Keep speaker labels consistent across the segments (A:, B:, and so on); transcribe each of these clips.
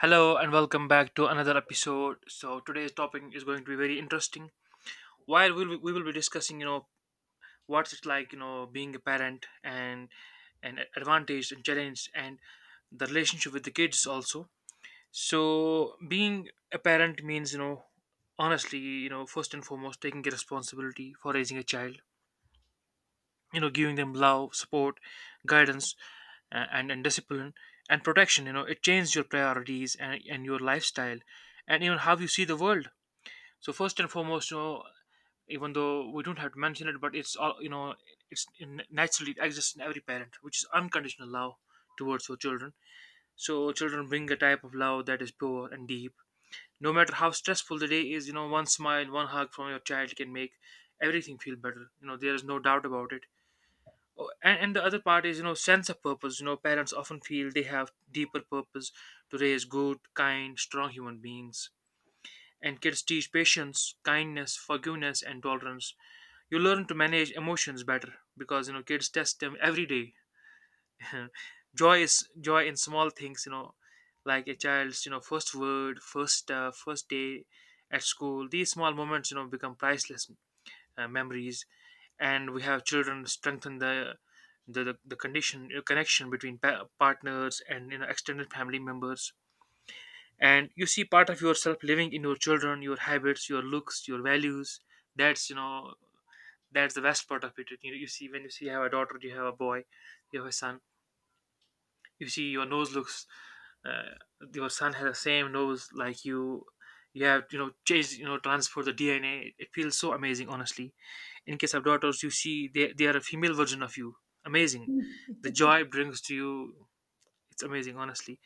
A: Hello and welcome back to another episode. So today's topic is going to be very interesting. We will be discussing, what's it like, being a parent and advantage and challenge and the relationship with the kids also. So being a parent means, honestly, first and foremost taking a responsibility for raising a child. You know, giving them love, support, guidance, and discipline and protection. You know, it changed your priorities and your lifestyle and even how you see the world. So first and foremost, you know, even though we don't have to mention it, but it's all you know it's in, naturally it exists in every parent, which is unconditional love towards your children. So children bring a type of love that is pure and deep. No matter how stressful the day is, one smile, one hug from your child can make everything feel better. You know, there is no doubt about it. Oh, and the other part is, sense of purpose. You know, parents often feel they have deeper purpose to raise good, kind, strong human beings. And kids teach patience, kindness, forgiveness and tolerance. You learn to manage emotions better, because kids test them every day. Joy is joy in small things, like a child's, first word, first day at school. These small moments, become priceless memories. And we have children strengthen the condition connection between partners and, extended family members. And you see part of yourself living in your children, your habits, your looks, your values. That's you know That's the best part of it. You see, when you see you have a daughter, you have a boy, you have a son, you see your nose looks uh, your son has the same nose like you. You have, changed, transfer the dna. It feels so amazing, honestly. In case of daughters, you see they are a female version of you. Amazing, the
B: Yeah,
A: joy it brings to you. It's amazing, honestly.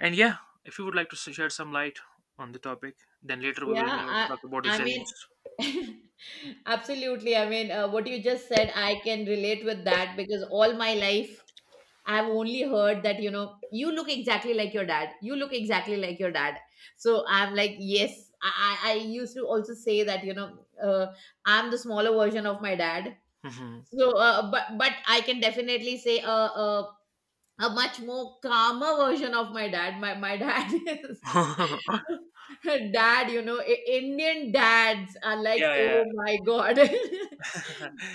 A: And yeah, if you would like to shed some light on the topic, then later we will,
B: I,
A: talk about the
B: I mean,
A: challenges.
B: absolutely. I mean, what you just said, I can relate with that because all my life I've only heard that, you know, you look exactly like your dad. You look exactly like your dad. So I'm like, yes, I used to also say that, I'm the smaller version of my dad.
A: Mhm.
B: So, but I can definitely say, uh, a much more calmer version of my dad. My dad is dad, you know, Indian dads are like,
A: Yeah, yeah.
B: oh my god.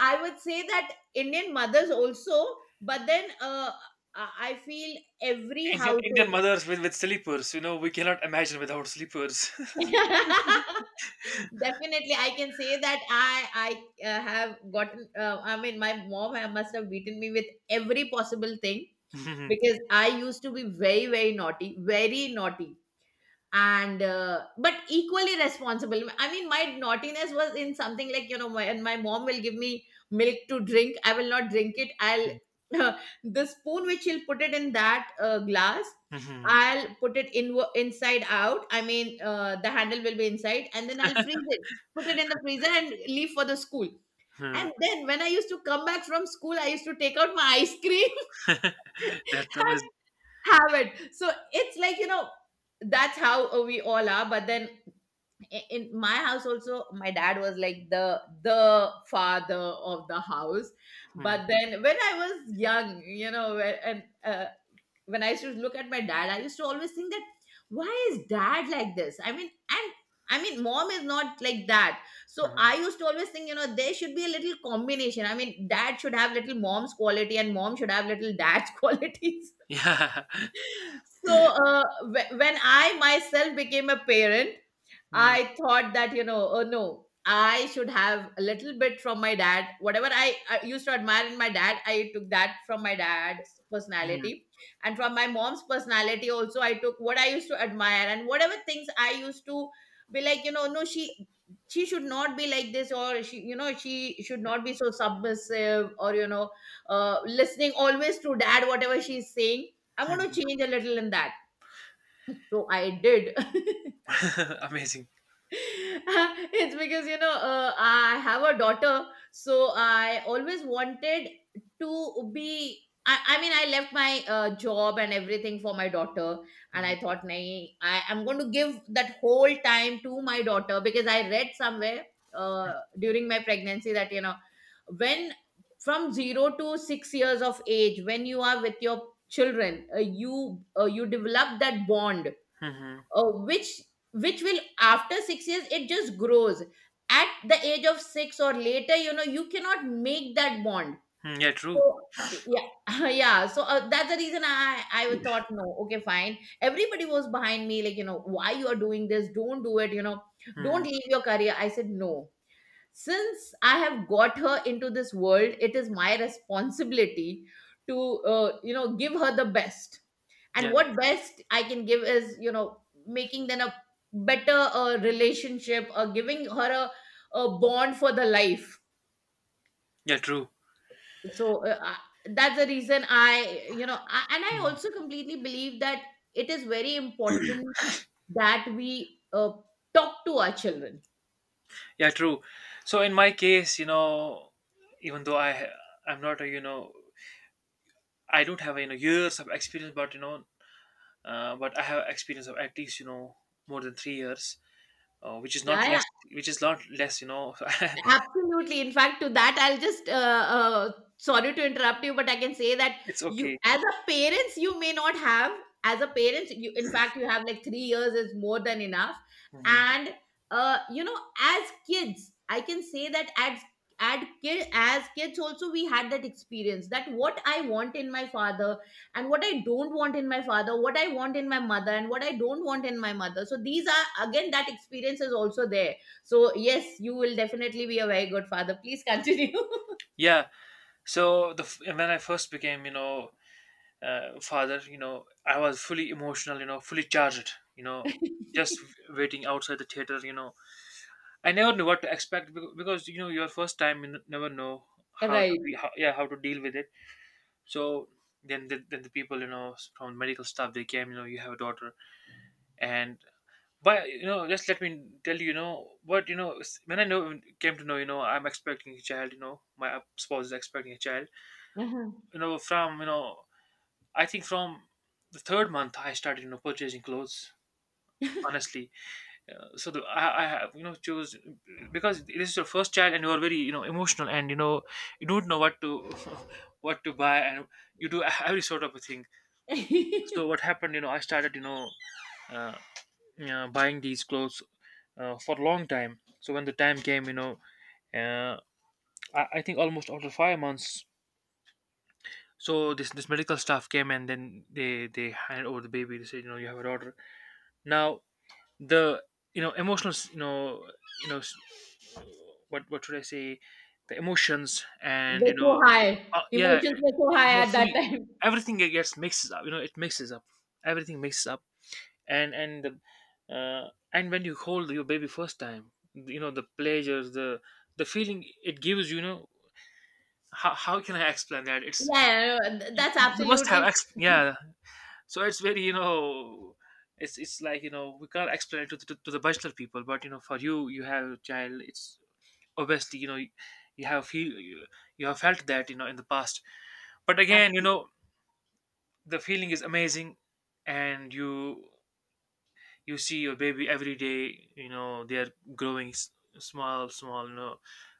B: I would say that Indian mothers also, but then I feel every
A: Indian, Indian
B: household,
A: mothers with sleepers, we cannot imagine without sleepers.
B: definitely, I can say that I have gotten. I mean, my mom must have beaten me with every possible thing
A: Mhm.
B: because I used to be very naughty, very naughty, and but equally responsible. I mean, my naughtiness was in something like, you know, when my mom will give me milk to drink, I will not drink it. I'll the spoon which she'll put it in that glass,
A: Mhm,
B: I'll put it in inside out. I mean, the handle will be inside, and then I'll freeze it, put it in the freezer and leave for the school.
A: hmm.
B: And then when I used to come back from school, I used to take out my ice cream
A: That's
B: and
A: amazing.
B: have it. So it's like, you know, that's how we all are. But then in my house also, my dad was like the father of the house.
A: Hmm,
B: But then when I was young, you know, when- and when I used to look at my dad, I used to always think that why is dad like this? I mean, and I mean, mom is not like that. So I
A: mhm.
B: used to always think, you know, there should be a little combination. I mean, dad should have little mom's quality, and mom should have little dad's qualities.
A: Yeah.
B: So when I myself became a parent,
A: Hmm,
B: I thought that, you know, oh no, I should have a little bit from my dad. Whatever I used to admire in my dad, I took that from my dad's
A: hmm,
B: personality. And from my mom's personality, also, I took what I used to admire, and whatever things I used to be like, you know, no, she should not be like this, or she, you know, she should not be so submissive, or, you know, listening always to dad whatever she's saying, I'm going
A: hmm.
B: to change a little in that. So I did.
A: Amazing.
B: It's because, you know, I have a daughter, so I always wanted to be I mean, I left my job and everything for my daughter. And
A: Mhm,
B: I thought nahi, I am going to give that whole time to my daughter because I read somewhere uh, during my pregnancy that, you know, when from 0 to 6 years of age, when you are with your children, you develop that bond
A: mhm,
B: uh, which which will, after 6 years it just grows. At the age of 6 or later, you know, you cannot make that bond.
A: hmm. Yeah, true.
B: So yeah, yeah, so that's the reason I thought, no, okay, fine. Everybody was behind me like, you know, why you are doing this, don't do it, you know, don't
A: Mhm.
B: leave your career. I said, no, since I have got her into this world, it is my responsibility to you know, give her the best. And
A: Yeah.
B: what best I can give is, you know, making then a better relationship or giving her a bond for the life.
A: Yeah, true.
B: So that's the reason I you know, and I also completely believe that it is very important that we talk to our children.
A: Yeah, true. So in my case, even though I'm not a, I don't have, years of experience, but but I have experience of at least, more than 3 years, which is
B: yeah
A: not
B: yeah.
A: less, which is not less, you know.
B: Absolutely. In fact, to that, I'll just, uh, sorry to interrupt you, but I can say that
A: It's okay.
B: you, as a parents, you may not have, as a parents, you, in fact, you have like 3 years is more than enough.
A: Mhm.
B: And, you know, as kids, I can say that as, as kids also, we had that experience, that what I want in my father and what I don't want in my father, what I want in my mother and what I don't want in my mother. So these are again, that experience is also there. So yes, you will definitely be a very good father. Please continue.
A: Yeah. So when I first became, father, I was fully emotional, fully charged, just waiting outside the theater. You know, I never knew what to expect, because your first time you never know how to
B: Right.
A: be, yeah, how to deal with it. So then the people, from medical staff, they came, you have a daughter. And but just let me tell you, you know what you know s- when I know came to know, I'm expecting a child, my spouse is expecting a child,
B: Uh-huh.
A: you know from you know I think from the third month I started, purchasing clothes, honestly. So I have, chose, because this is your first child and you are very, emotional and, you don't know what to what to buy and you do every sort of a thing. So what happened, I started, uh, buying these clothes for a long time. So when the time came, uh, I think almost after 5 months. So this medical staff came and then they handed over the baby. They said, you have a daughter. Now the you know emotional s- you know s- what should I say, the emotions and,
B: We're so high.
A: yeah,
B: Emotions were so
A: you
B: high
A: are
B: at that
A: fully,
B: time.
A: everything it gets mixes up, it mixes up, everything mixes up. And and when you hold your baby first time, the pleasures, the feeling it gives you, how can I explain that? It's,
B: Yeah, that's
A: you must have
B: absolutely
A: yeah. So it's very, it's like, we can't explain it to to the bachelor people, but for you, you have a child, it's obviously, you have feel, you have felt that, in the past, but again,
B: absolutely.
A: the feeling is amazing. And you see your baby every day, they are growing. Small, small,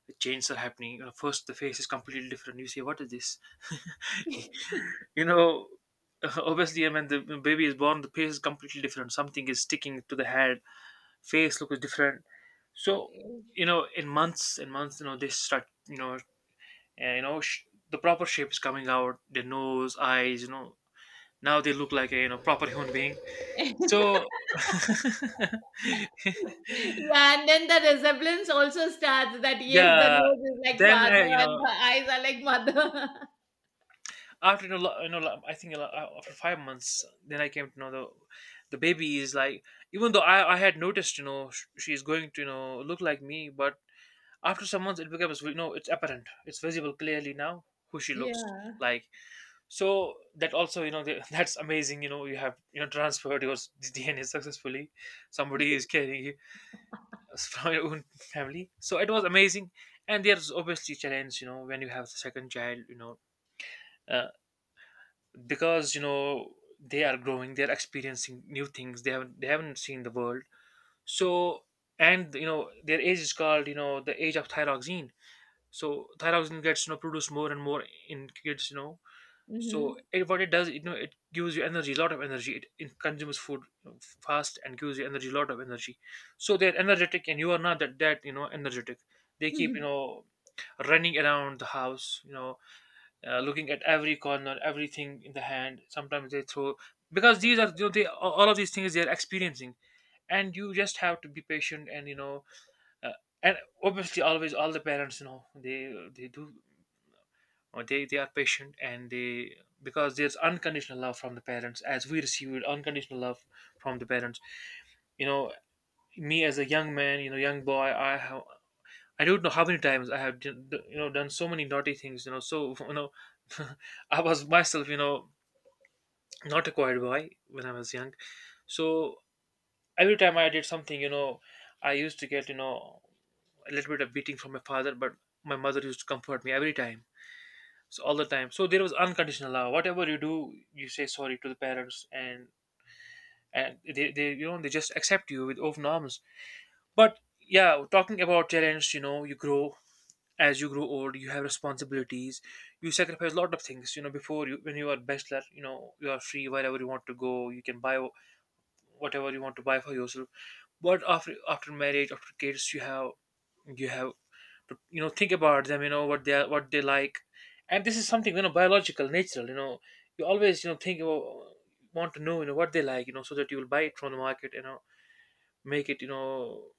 A: the changes are happening, first the face is completely different. You say, what is this, you know obviously I mean, the baby is born, the face is completely different, something is sticking to the head, face looks different. So, in months and months, they start, uh, you know sh- the proper shape is coming out, their nose, eyes, now they look like a, proper human being. So
B: Yeah, and then the resemblance also starts, that yes, the
A: yeah,
B: nose is like
A: then I,
B: father and the eyes are like mother.
A: after a lot, I think a lot, after 5 months, then I came to know the baby is like. Even though I had noticed, she's going to, look like me, but after some months it becomes, it's apparent, it's visible clearly now who she looks
B: Yeah.
A: like. So that also, that's amazing. You know, you have, transferred your DNA successfully. Somebody is carrying it from your own family, so it was amazing. And there's obviously challenge, when you have the second child, uh, because they are growing, they're experiencing new things, they haven't seen the world. So, and their age is called, the age of thyroxine. So thyroxine gets, produced more and more in kids, so
B: Hmm.
A: it, what it does, it gives you energy, a lot of energy. It consumes food, fast, and gives you energy, a lot of energy. So they're energetic and you are not that that energetic. They keep, running around the house, looking at every corner, everything in the hand. Sometimes they throw, because these are, they all of these things they are experiencing, and you just have to be patient and, uh, and obviously always all the parents, they do, or they are patient, and they, because there's unconditional love from the parents, as we received unconditional love from the parents. You know me as a young man, young boy, I have. I don't know how many times I have done so many naughty things, I was myself, not a quiet boy when I was young. So every time I did something, I used to get, a little bit of beating from my father, but my mother used to comfort me every time. So all the time. So there was unconditional love. Whatever you do, you say sorry to the parents, and they they just accept you with open arms. But yeah, talking about challenge, you know, you grow as you grow old, you have responsibilities, you sacrifice a lot of things, you know, before you when you are bachelor, you know, you are free wherever you want to go, you can buy whatever you want to buy for yourself but after marriage after kids you have to you know think about them, you know what they are, what they like. And this is something you know biological, natural, you know you always you know think about, want to know you know what they like, you know, so that you will buy it from the market, you know, make it, you know,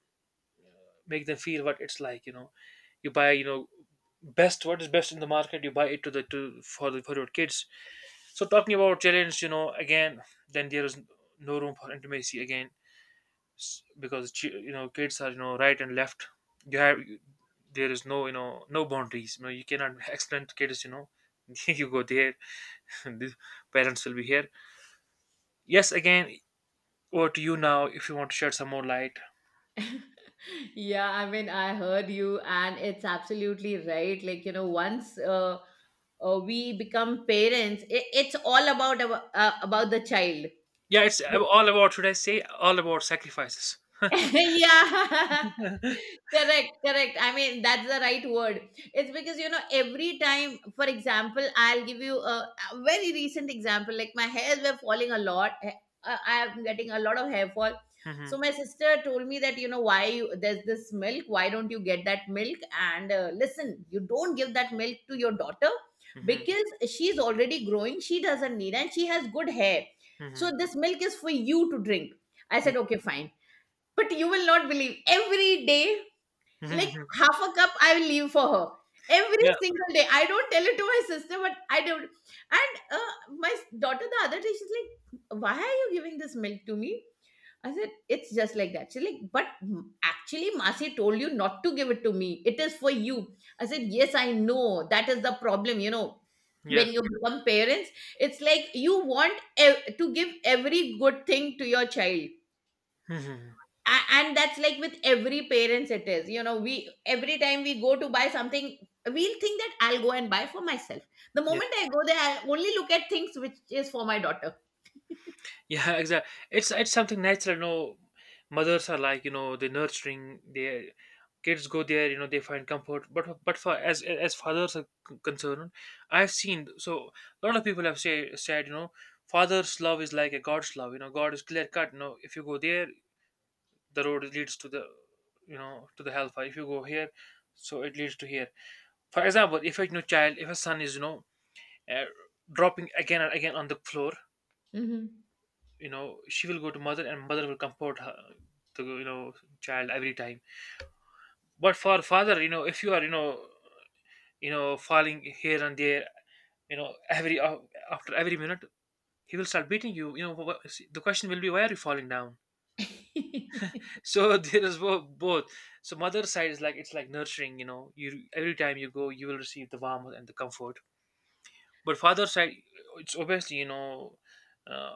A: make them feel what it's like, you know, you buy, you know, best what is best in the market, you buy it to the to for the for your kids. So talking about challenge, you know, again then there is no room for intimacy again. Because you know kids are you know right and left. You have, there is no, you know, no boundaries, you know, you cannot explain to kids, you know. You go there, the parents will be here. Yes, again, over to you now if you want to shed some more light.
B: Yeah, I mean, I heard you, and it's absolutely right. Like, you know, once we become parents, it's all about our, about the child.
A: Yeah, it's all about, should I say, all about sacrifices.
B: Yeah. Correct, correct, I mean, that's the right word. It's because, you know, every time, for example, I'll give you a very recent example. Like, my hairs were falling a lot. I'm getting a lot of hair fall.
A: Mm-hmm,
B: So my sister told me that, you know, there's this milk, why don't you get that milk? And listen, you don't give that milk to your daughter
A: mm-hmm,
B: because she's already growing, she doesn't need, and she has good hair.
A: mm-hmm,
B: So this milk is for you to drink. I said, okay, fine. But you will not believe, every day,
A: mm-hmm.
B: like,
A: Mm-hmm.
B: half a cup, I will leave for her. Every
A: Yeah,
B: single day. I don't tell it to my sister, but I don't. And my daughter, the other day, she's like, why are you giving this milk to me? I said, it's just like that. She's like, but actually, Masi told you not to give it to me. It is for you. I said, yes, I know. That is the problem. You know,
A: yeah.
B: when you become parents, it's like you want to give every good thing to your child.
A: Mm-hmm.
B: And that's like with every parents, it is, you know, we every time we go to buy something, we'll think that I'll go and buy for myself. The
A: Yeah.
B: moment I go there, I only look at things which is for my daughter.
A: Yeah, exactly. It's something natural. You know, mothers are like, you know, they nurturing their kids, go there, you know, they find comfort. But for as fathers are concerned, I've seen so a lot of people have said you know father's love is like a God's love. You know God is clear cut. You know if you go there, the road leads to the, you know, to the hellfire. If you go here, so it leads to here. For example, if a, you know, child, if a son is you know uh, dropping again and again on the floor,
B: Hmm.
A: you know, she will go to mother and mother will comfort her, the, you know, child every time. But for father, you know, if you are, you know, you know falling here and there, you know every after every minute he will start beating you, you know, the question will be, why are you falling down? So there is both. So mother side is like, it's like nurturing, you know, you every time you go you will receive the warmth and the comfort. But father side, it's obviously, you know, uh,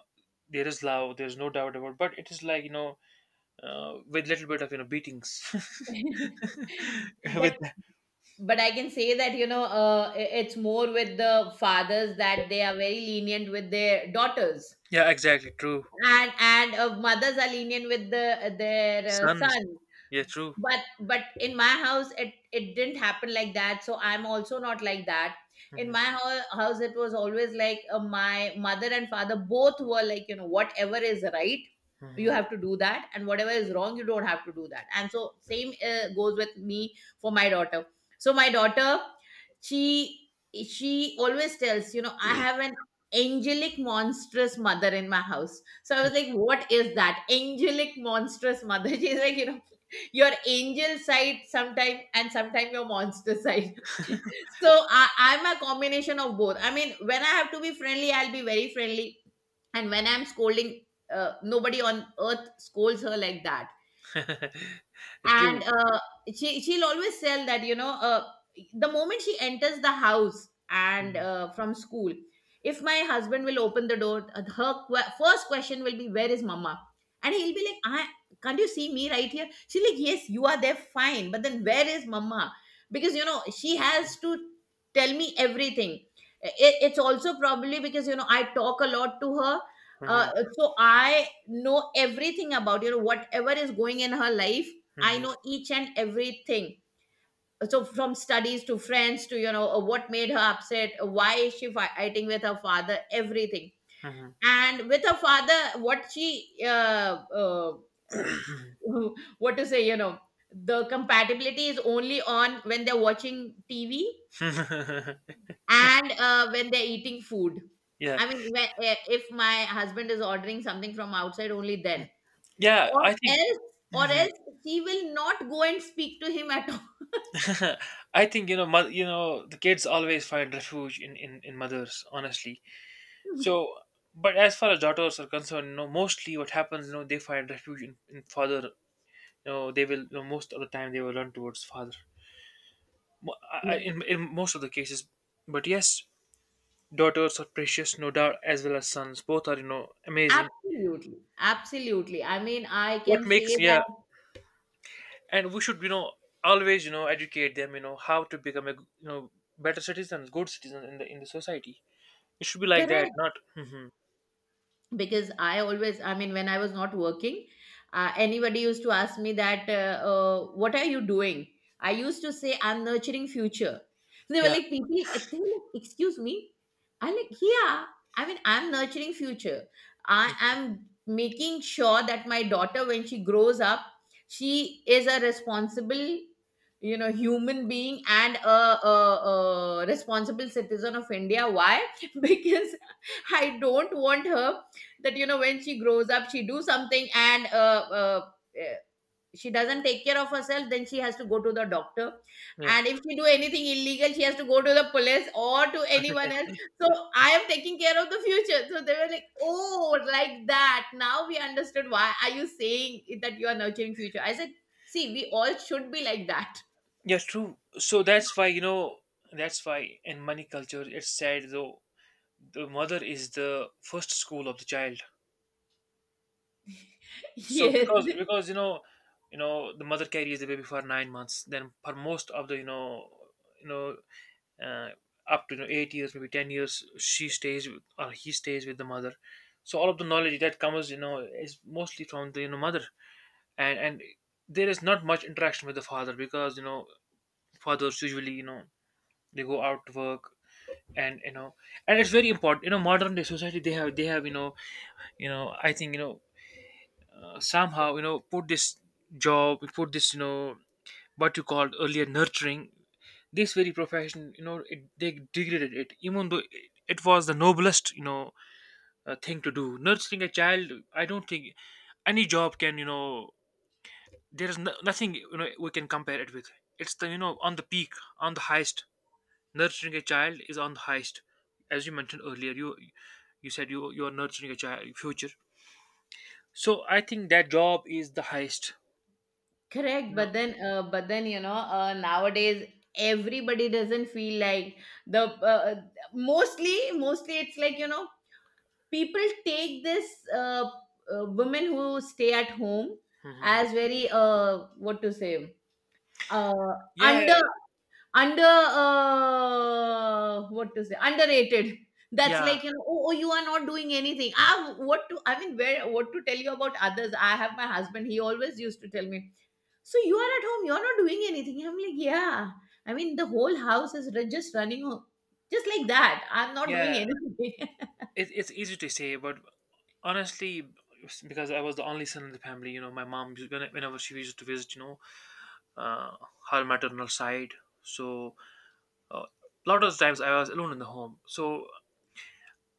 A: there is love, there's no doubt about, but it is like, you know, with little bit of you know beatings. With
B: but but I can say that, you know, it's more with the fathers that they are very lenient with their daughters.
A: yeah, exactly true.
B: And mothers are lenient with the their
A: Sons,
B: sons.
A: yeah, true.
B: But in my house, it didn't happen like that, so I'm also not like that. In
A: Mhm,
B: my house, it was always like, my mother and father both were like, you know, whatever is right, you
A: mhm.
B: have to do that, and whatever is wrong, you don't have to do that. And so same goes with me for my daughter. So my daughter, she she always tells, you know, I have an angelic monstrous mother in my house. So I was like, what is that? Angelic monstrous mother. She's like, you know, your angel side sometime, and sometime your monster side. So I, I'm a combination of both. I mean, when I have to be friendly, I'll be very friendly. And when I'm scolding, nobody on earth scolds her like that.
A: True.
B: And she she'll always tell that, you know, the moment she enters the house, and
A: Mhm,
B: from school, if my husband will open the door, her que- first question will be, where is mama? And he'll be like, I can't you see me right here? She's like, yes, you are there, fine, but then where is mama? Because, you know, she has to tell me everything. It's also probably because, you know, I talk a lot to her. uh,
A: mhm,
B: so I know everything about, you know, whatever is going in her life. I
A: mhm,
B: know each and everything. So from studies to friends, to, you know, what made her upset, why is she fighting with her father, everything.
A: mhm.
B: And with her father, what she uh, what to say, you know, the compatibility is only on when they're watching TV, and when they're eating food.
A: Yeah,
B: I mean, when, if my husband is ordering something from outside, only then,
A: yeah.
B: or
A: I think
B: else, or
A: Mhm.
B: else, she will not go and speak to him at
A: I think, you know, you know, the kids always find refuge in, in mothers, honestly.
B: all.
A: So, but as far as daughters are concerned, you know, mostly what happens, you know, they find refuge in father. You know, they will, you know, most of the time they will run towards father. In most of the cases. But yes, daughters are precious, no doubt, as well as sons. Both are, you know, amazing.
B: Absolutely, absolutely. I mean, I
A: What
B: can say
A: makes, yeah,
B: that
A: and we should, you know, always, you know, educate them, you know, how to become a, you know, better citizens, good citizens in the society. It should be like that,
B: correct.
A: not. Hmm.
B: Because I always, when I was not working, anybody used to ask me that what are you doing. I used to say I'm nurturing future. They were
A: Yeah,
B: like, people they were like, excuse me. I yeah, I mean I'm nurturing future. I am making sure that my daughter, when she grows up, she is a responsible, you know, human being and a responsible citizen of India. Why? Because I don't want her, that you know, when she grows up, she do something and eh, she doesn't take care of herself, then she has to go to the doctor.
A: yeah,
B: And if she do anything illegal, she has to go to the police or to anyone else. So I am taking care of the future. So they were like, oh, like that, now we understood why are you saying that you are nurturing future. I said, see, we all should be like that.
A: yeah. True. So that's why you know, that's why in money culture it's said though the mother is the first school of the child. So
B: Yes.
A: because, you know, you know the mother carries the baby for 9 months, then for most of the, you know, you know uh, up to, you know, 8 years, maybe 10 years she stays with, or he stays with the mother. So all of the knowledge that comes, you know, is mostly from the, you know, mother. And there is not much interaction with the father because, you know, fathers usually, you know, they go out to work, and you know, and it's very important, you know, modern day society, they have you know, you know, I think, you know, somehow, you know, put this job, put this, you know, what you called earlier, nurturing, this very profession, you know, they degraded it, even though it was the noblest, you know, thing to do, nurturing a child. I don't think any job can, you know, there is no, nothing, you know, we can compare it with. It's the, you know, on the peak, on the highest. Nurturing a child is on the highest. As you mentioned earlier, you said you are nurturing a child future. So I think that job is the highest.
B: Correct,
A: You know.
B: but then you know, nowadays everybody doesn't feel like, the mostly it's like, you know, people take this uh, women who stay at home as very what to say, uh,
A: Yeah,
B: under, under what to say, underrated. That's
A: yeah,
B: like, you know, oh, oh, you are not doing anything. Ah, what to, I mean, where, what to tell you about others. I have my husband, he always used to tell me, so you are at home, you're not doing anything. I'm like, yeah, I mean the whole house is just running just like that, I'm not doing
A: yeah.
B: anything.
A: It, it's easy to say, but honestly, because I was the only son in the family, you know, my mom, whenever she used to visit, you know, uh, her maternal side. So, a lot of times I was alone in the home. So,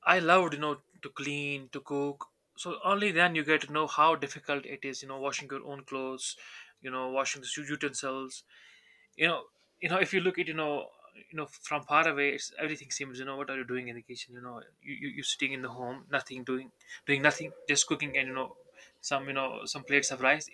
A: I loved, you know, to clean, to cook. So, only then you get to know how difficult it is, you know, washing your own clothes, you know, washing the utensils, you know, you know, if you look at, you know, you know, from far away, it's everything seems, you know, what are you doing in the kitchen, you know, you you're sitting in the home, nothing doing, doing nothing, just cooking and, you know, some, you know, some plates of rice.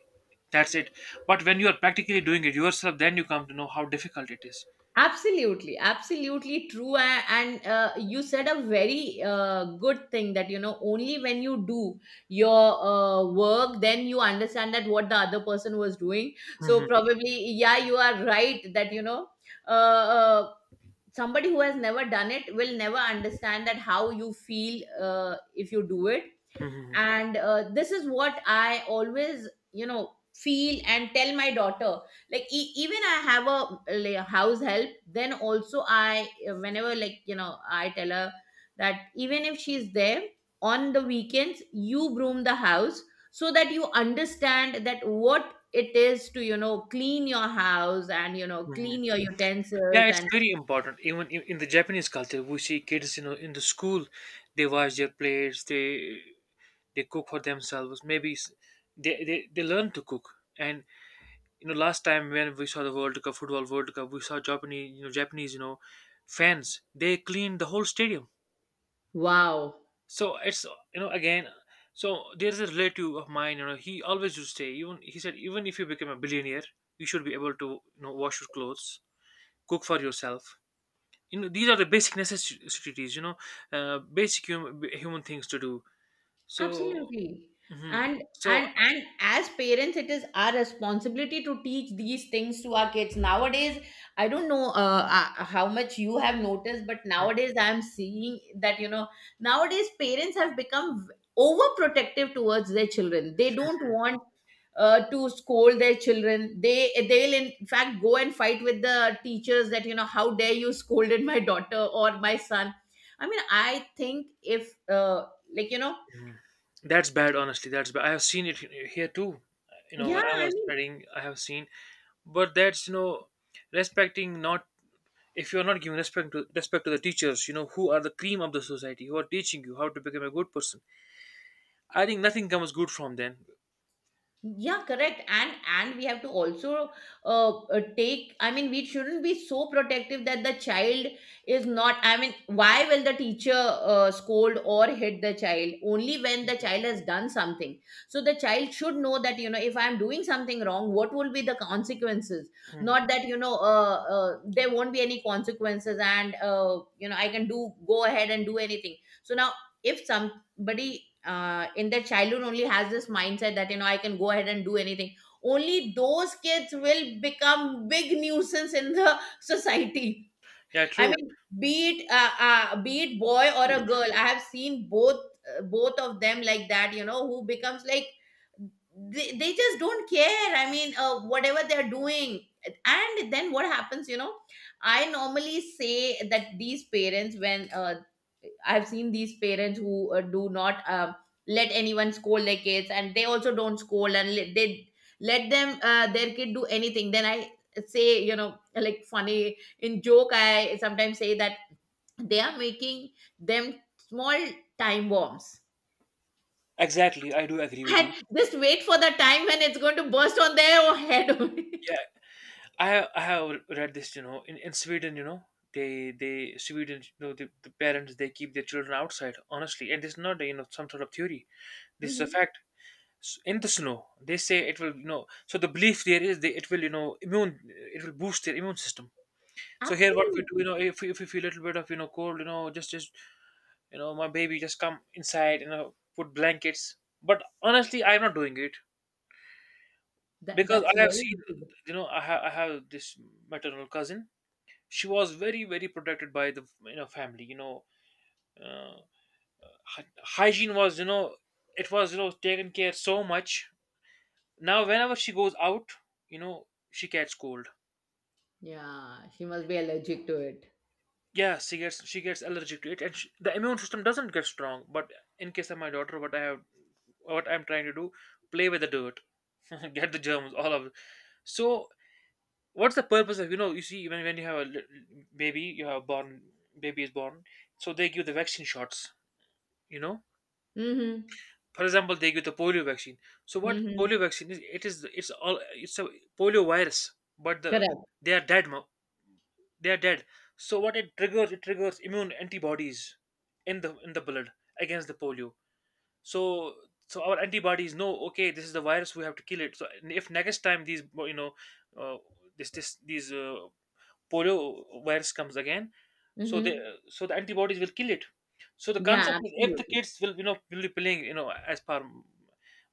A: That's it. But when you are practically doing it yourself, then you come to know how difficult it is.
B: Absolutely, absolutely true. And you said a very good thing, that you know only when you do your work, then you understand that what the other person was doing. So
A: Mhm,
B: probably yeah, you are right, that you know uh, uh, somebody who has never done it will never understand that how you feel if you do it.
A: mhm,
B: And this is what I always, you know, feel and tell my daughter, like, even I have a, like, house help, then also I, whenever, like, you know, I tell her that even if she's there on the weekends, you broom the house, so that you understand that what it is to, you know, clean your house and you know
A: mhm.
B: clean your utensils,
A: Yeah, it's
B: and
A: very important, even in the Japanese culture we see kids, you know, in the school they wash their plates, they cook for themselves, maybe they they learn to cook. And you know, last time when we saw the World Cup, football World Cup, we saw Japanese, you know, Japanese, you know, fans, they cleaned the whole stadium.
B: wow.
A: So it's, you know, again, so there's a relative of mine, you know, he always used to say, even he said, even if you become a billionaire, you should be able to, you know, wash your clothes, cook for yourself. You know, these are the basic necessities, you know, basic human things to do. So
B: Absolutely.
A: mhm.
B: And
A: So
B: and as parents, it is our responsibility to teach these things to our kids. Nowadays, I don't know how much you have noticed, but
A: mm,
B: nowadays I'm seeing that, you know, nowadays parents have become overprotective towards their children. They don't want to scold their children. They'll in fact go and fight with the teachers that, you know, how dare you scolded my daughter or my son. I mean, I think if like you know,
A: that's bad, honestly, that's bad. I have seen it here too, you know,
B: yeah,
A: when I
B: I
A: was
B: mean,
A: studying, I have seen. But that's, you know, respecting, not, if you're not giving respect to respect to the teachers, you know, who are the cream of the society, who are teaching you how to become a good person, I think nothing comes good from them.
B: yeah, correct. and we have to also take. I mean, we shouldn't be so protective that the child is not. I mean, why will the teacher scold or hit the child? Only when the child has done something. So the child should know that, you know, if I'm doing something wrong, what will be the consequences?
A: Mhm.
B: Not that, you know, there won't be any consequences, and you know I can do go ahead and do anything. So now if somebody in their childhood only has this mindset that, you know, I can go ahead and do anything. Only those kids will become big nuisance in the society.
A: Yeah,
B: I
A: true.
B: mean, be it boy or a girl, I have seen both both of them like that. You know, who becomes like, they just don't care. I mean, whatever they're doing. And then what happens? You know, I normally say that these parents, when I've seen these parents who do not let anyone scold their kids, and they also don't scold, and let, they let them their kid do anything. Then I say, you know, like funny in joke I sometimes say that they are making them small time bombs.
A: Exactly, I do agree with
B: And
A: you.
B: just wait for the time when it's going to burst on their head.
A: Yeah, I have I have read this, you know, in Sweden, you know, they Sweden, you know, the parents they keep their children outside, honestly, and it's not, you know, some sort of theory, this is a
B: Mhm.
A: fact. In the snow, they say it will, you know, so the belief there is, they, it will, you know, immune, it will boost their immune system. So here, what we do, you
B: Absolutely.
A: know, if we feel a little bit of, you know, cold, you know, just you know, my baby, just come inside, you know, put blankets. But honestly, I'm not doing it
B: That,
A: because
B: that's
A: I have
B: very
A: seen,
B: good.
A: you know, I have this maternal cousin. She was very very protected by the, you know, family. You know, uh, hygiene was, you know, it was, you know, taken care so much. Now whenever she goes out, you know, she gets cold.
B: Yeah, she must be allergic to it.
A: Yeah, she gets, she gets allergic to it, and she, the immune system doesn't get strong. But in case of my daughter, what I have, what I'm trying to do, play with the dirt, get the germs, all of it. So, what's the purpose of, you know? You see, when you have a baby, you have born, baby is born, so they give the vaccine shots. You know,
B: Mm-hmm.
A: for example, they give the polio vaccine. So, what
B: Mm-hmm.
A: polio vaccine is? It is, it's all, it's a polio virus, but the
B: Correct.
A: they are dead. They are dead. So, what it triggers immune antibodies in the blood against the polio. So, so our antibodies know, okay, this is the virus, we have to kill it. So if next time these, you know, uh, this these polio virus comes again, so they,
B: Mm-hmm.
A: so the antibodies will kill it. So the concept
B: Yeah,
A: is if the
B: absolutely.
A: kids will, you know, will be playing, you know, as per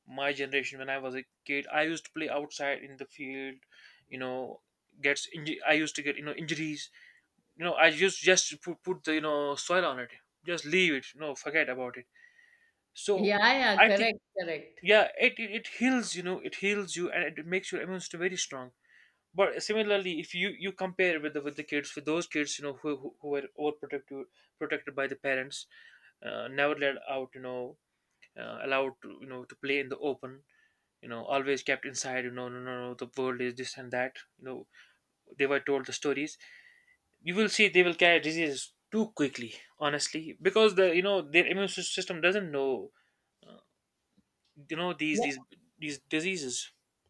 A: my generation, when I was a kid, I used to play outside in the field, you know, I used to get, you know, injuries, you know, I used just to put the, you know, soil on it, just leave it, you know, forget about it. So,
B: Yeah, yeah,
A: I think,
B: correct, correct.
A: yeah, it heals, you know, it heals you, and it makes your immune system very strong. But similarly, if you you compare with the kids, with those kids, you know, who were overprotected, protected by the parents, never let out, you know, allowed to, you know, to play in the open, you know, always kept inside, you know, no no no, the world is this and that, you know, they were told the stories, you will see they will carry diseases too quickly, honestly, because the, you know, their immune system doesn't know, you know,
B: Yeah,
A: these diseases,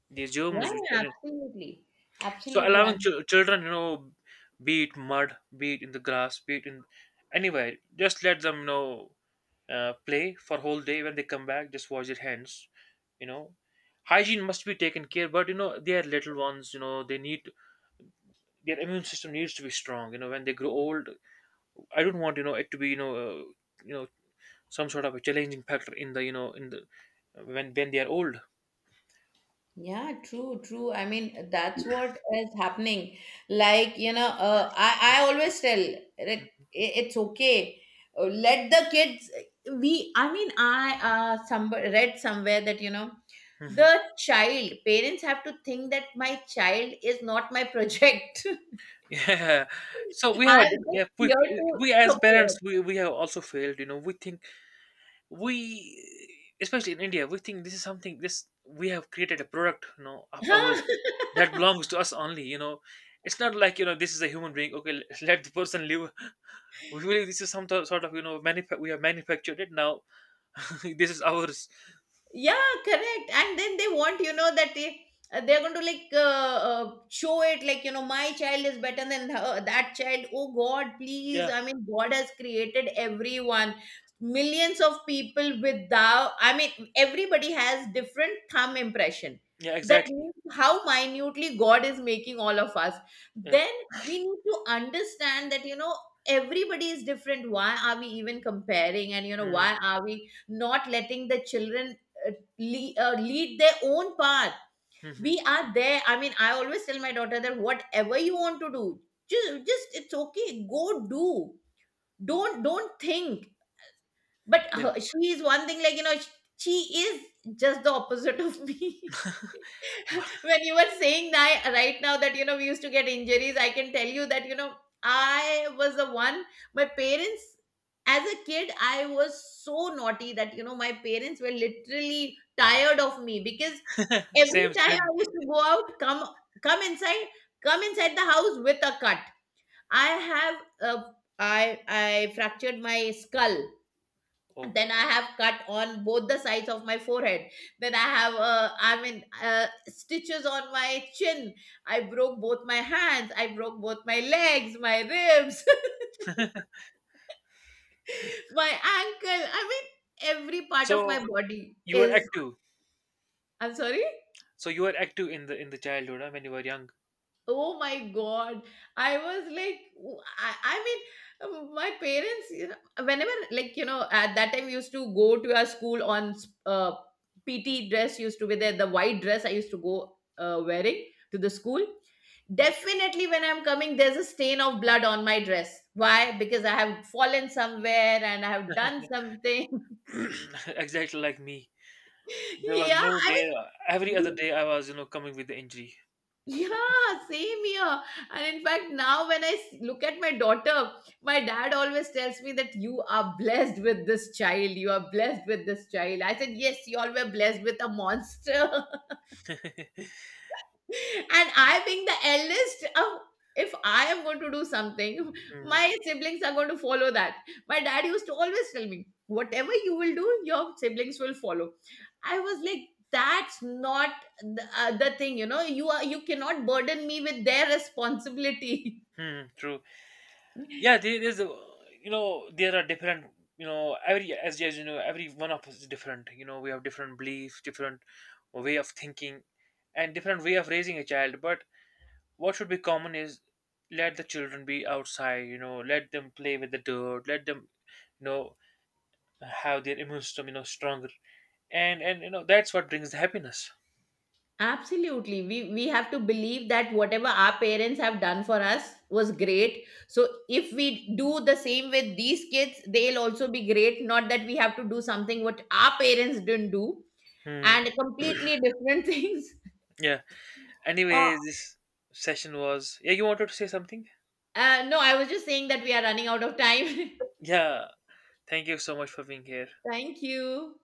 A: these
B: yeah,
A: germs which are in.
B: absolutely,
A: So allowing
B: absolutely.
A: children, you know, be it mud, be it in the grass, be it in anywhere, just let them, you know, play for whole day. When they come back, just wash their hands. You know, hygiene must be taken care. But you know, they are little ones. You know, they need, their immune system needs to be strong. You know, when they grow old, I don't want, you know, it to be, you know, you know, some sort of a challenging factor in the, you know, in the when they are old.
B: Yeah, true, true. I mean, that's what is happening. Like, you know, I always tell that it's okay. Let the kids, we, I mean, I some, read somewhere that, you know,
A: Mhm.
B: the child, parents have to think that my child is not my project.
A: Yeah, so we have a
B: I'm
A: different, yeah,
B: just
A: we,
B: here
A: we
B: to
A: we as
B: support.
A: parents, we have also failed. You know, we think we, especially in India, we think this is something, this we have created a product. You know, of ours, that belongs to us only. You know, it's not like, you know, this is a human being. Okay, let let the person live. We believe this is some sort of, you know, we have manufactured it now. This is ours.
B: Yeah, correct. And then they want, you know, that they they're going to like show it like, you know, my child is better than her, that child. Oh God, please!
A: Yeah,
B: I mean, God has created everyone, millions of people with thou. I mean, everybody has different thumb impression.
A: yeah,
B: That
A: exactly.
B: means how minutely God is making all of us.
A: Yeah,
B: Then we need to understand that, you know, everybody is different. Why are we even comparing? And you know why are we not letting the children lead, lead their own path.
A: mm-hmm.
B: We are there. I mean, I always tell my daughter that whatever you want to do, just it's okay, go do. Don't think. But
A: Yeah,
B: her, she is one thing, like you know, she is just the opposite of me. When you were saying that right now, that you know we used to get injuries, I can tell you that you know I was the one. My parents, as a kid I was so naughty that you know my parents were literally tired of me, because every
A: same,
B: time
A: same.
B: I used to go out, come inside, come inside the house with a cut. I have, uh, I fractured my skull.
A: Oh,
B: Then I have cut on both the sides of my forehead. Then I have I mean stitches on my chin. I broke both my hands. I broke both my legs, my ribs, my ankle. I mean every part of
A: so
B: my body
A: you were
B: is.
A: active.
B: I'm sorry.
A: So you were active in the childhood huh, when you were young,
B: Oh my God. I was like, I mean, my parents, you know, whenever, like, you know, at that time we used to go to our school on uh, PT dress used to be there, the white dress I used to go wearing to the school. Definitely when I'm coming, there's a stain of blood on my dress. Why? Because I have fallen somewhere and I have done something.
A: exactly like me. There was
B: Yeah,
A: no
B: I
A: day. Every other
B: mean,
A: day, I was, you know, coming with the injury.
B: yeah, same here. And in fact, now when I look at my daughter, my dad always tells me that you are blessed with this child. You are blessed with this child. I said, yes, you all were blessed with a monster. And I think the eldest of, if I am going to do something,
A: Hmm.
B: my siblings are going to follow that. My dad used to always tell me, whatever you will do, your siblings will follow. I was like, that's not the, the thing, you know. You are, you cannot burden me with their responsibility.
A: Hmm. True. Yeah. There is. You know, there are different. You know, every as you know, every one of us is different. You know, we have different beliefs, different way of thinking, and different way of raising a child. But what should be common is let the children be outside. You know, let them play with the dirt. Let them, you know, have their immune system, you know, stronger, and you know, that's what brings the happiness.
B: Absolutely. We have to believe that whatever our parents have done for us was great. So if we do the same with these kids, they'll also be great. Not that we have to do something what our parents didn't do
A: Hmm.
B: and completely different things.
A: Yeah,
B: Uh,
A: anyway, this session was, yeah, you wanted to say something.
B: no, I was just saying that we are running out of time.
A: Yeah, thank you so much for being here.
B: Thank you.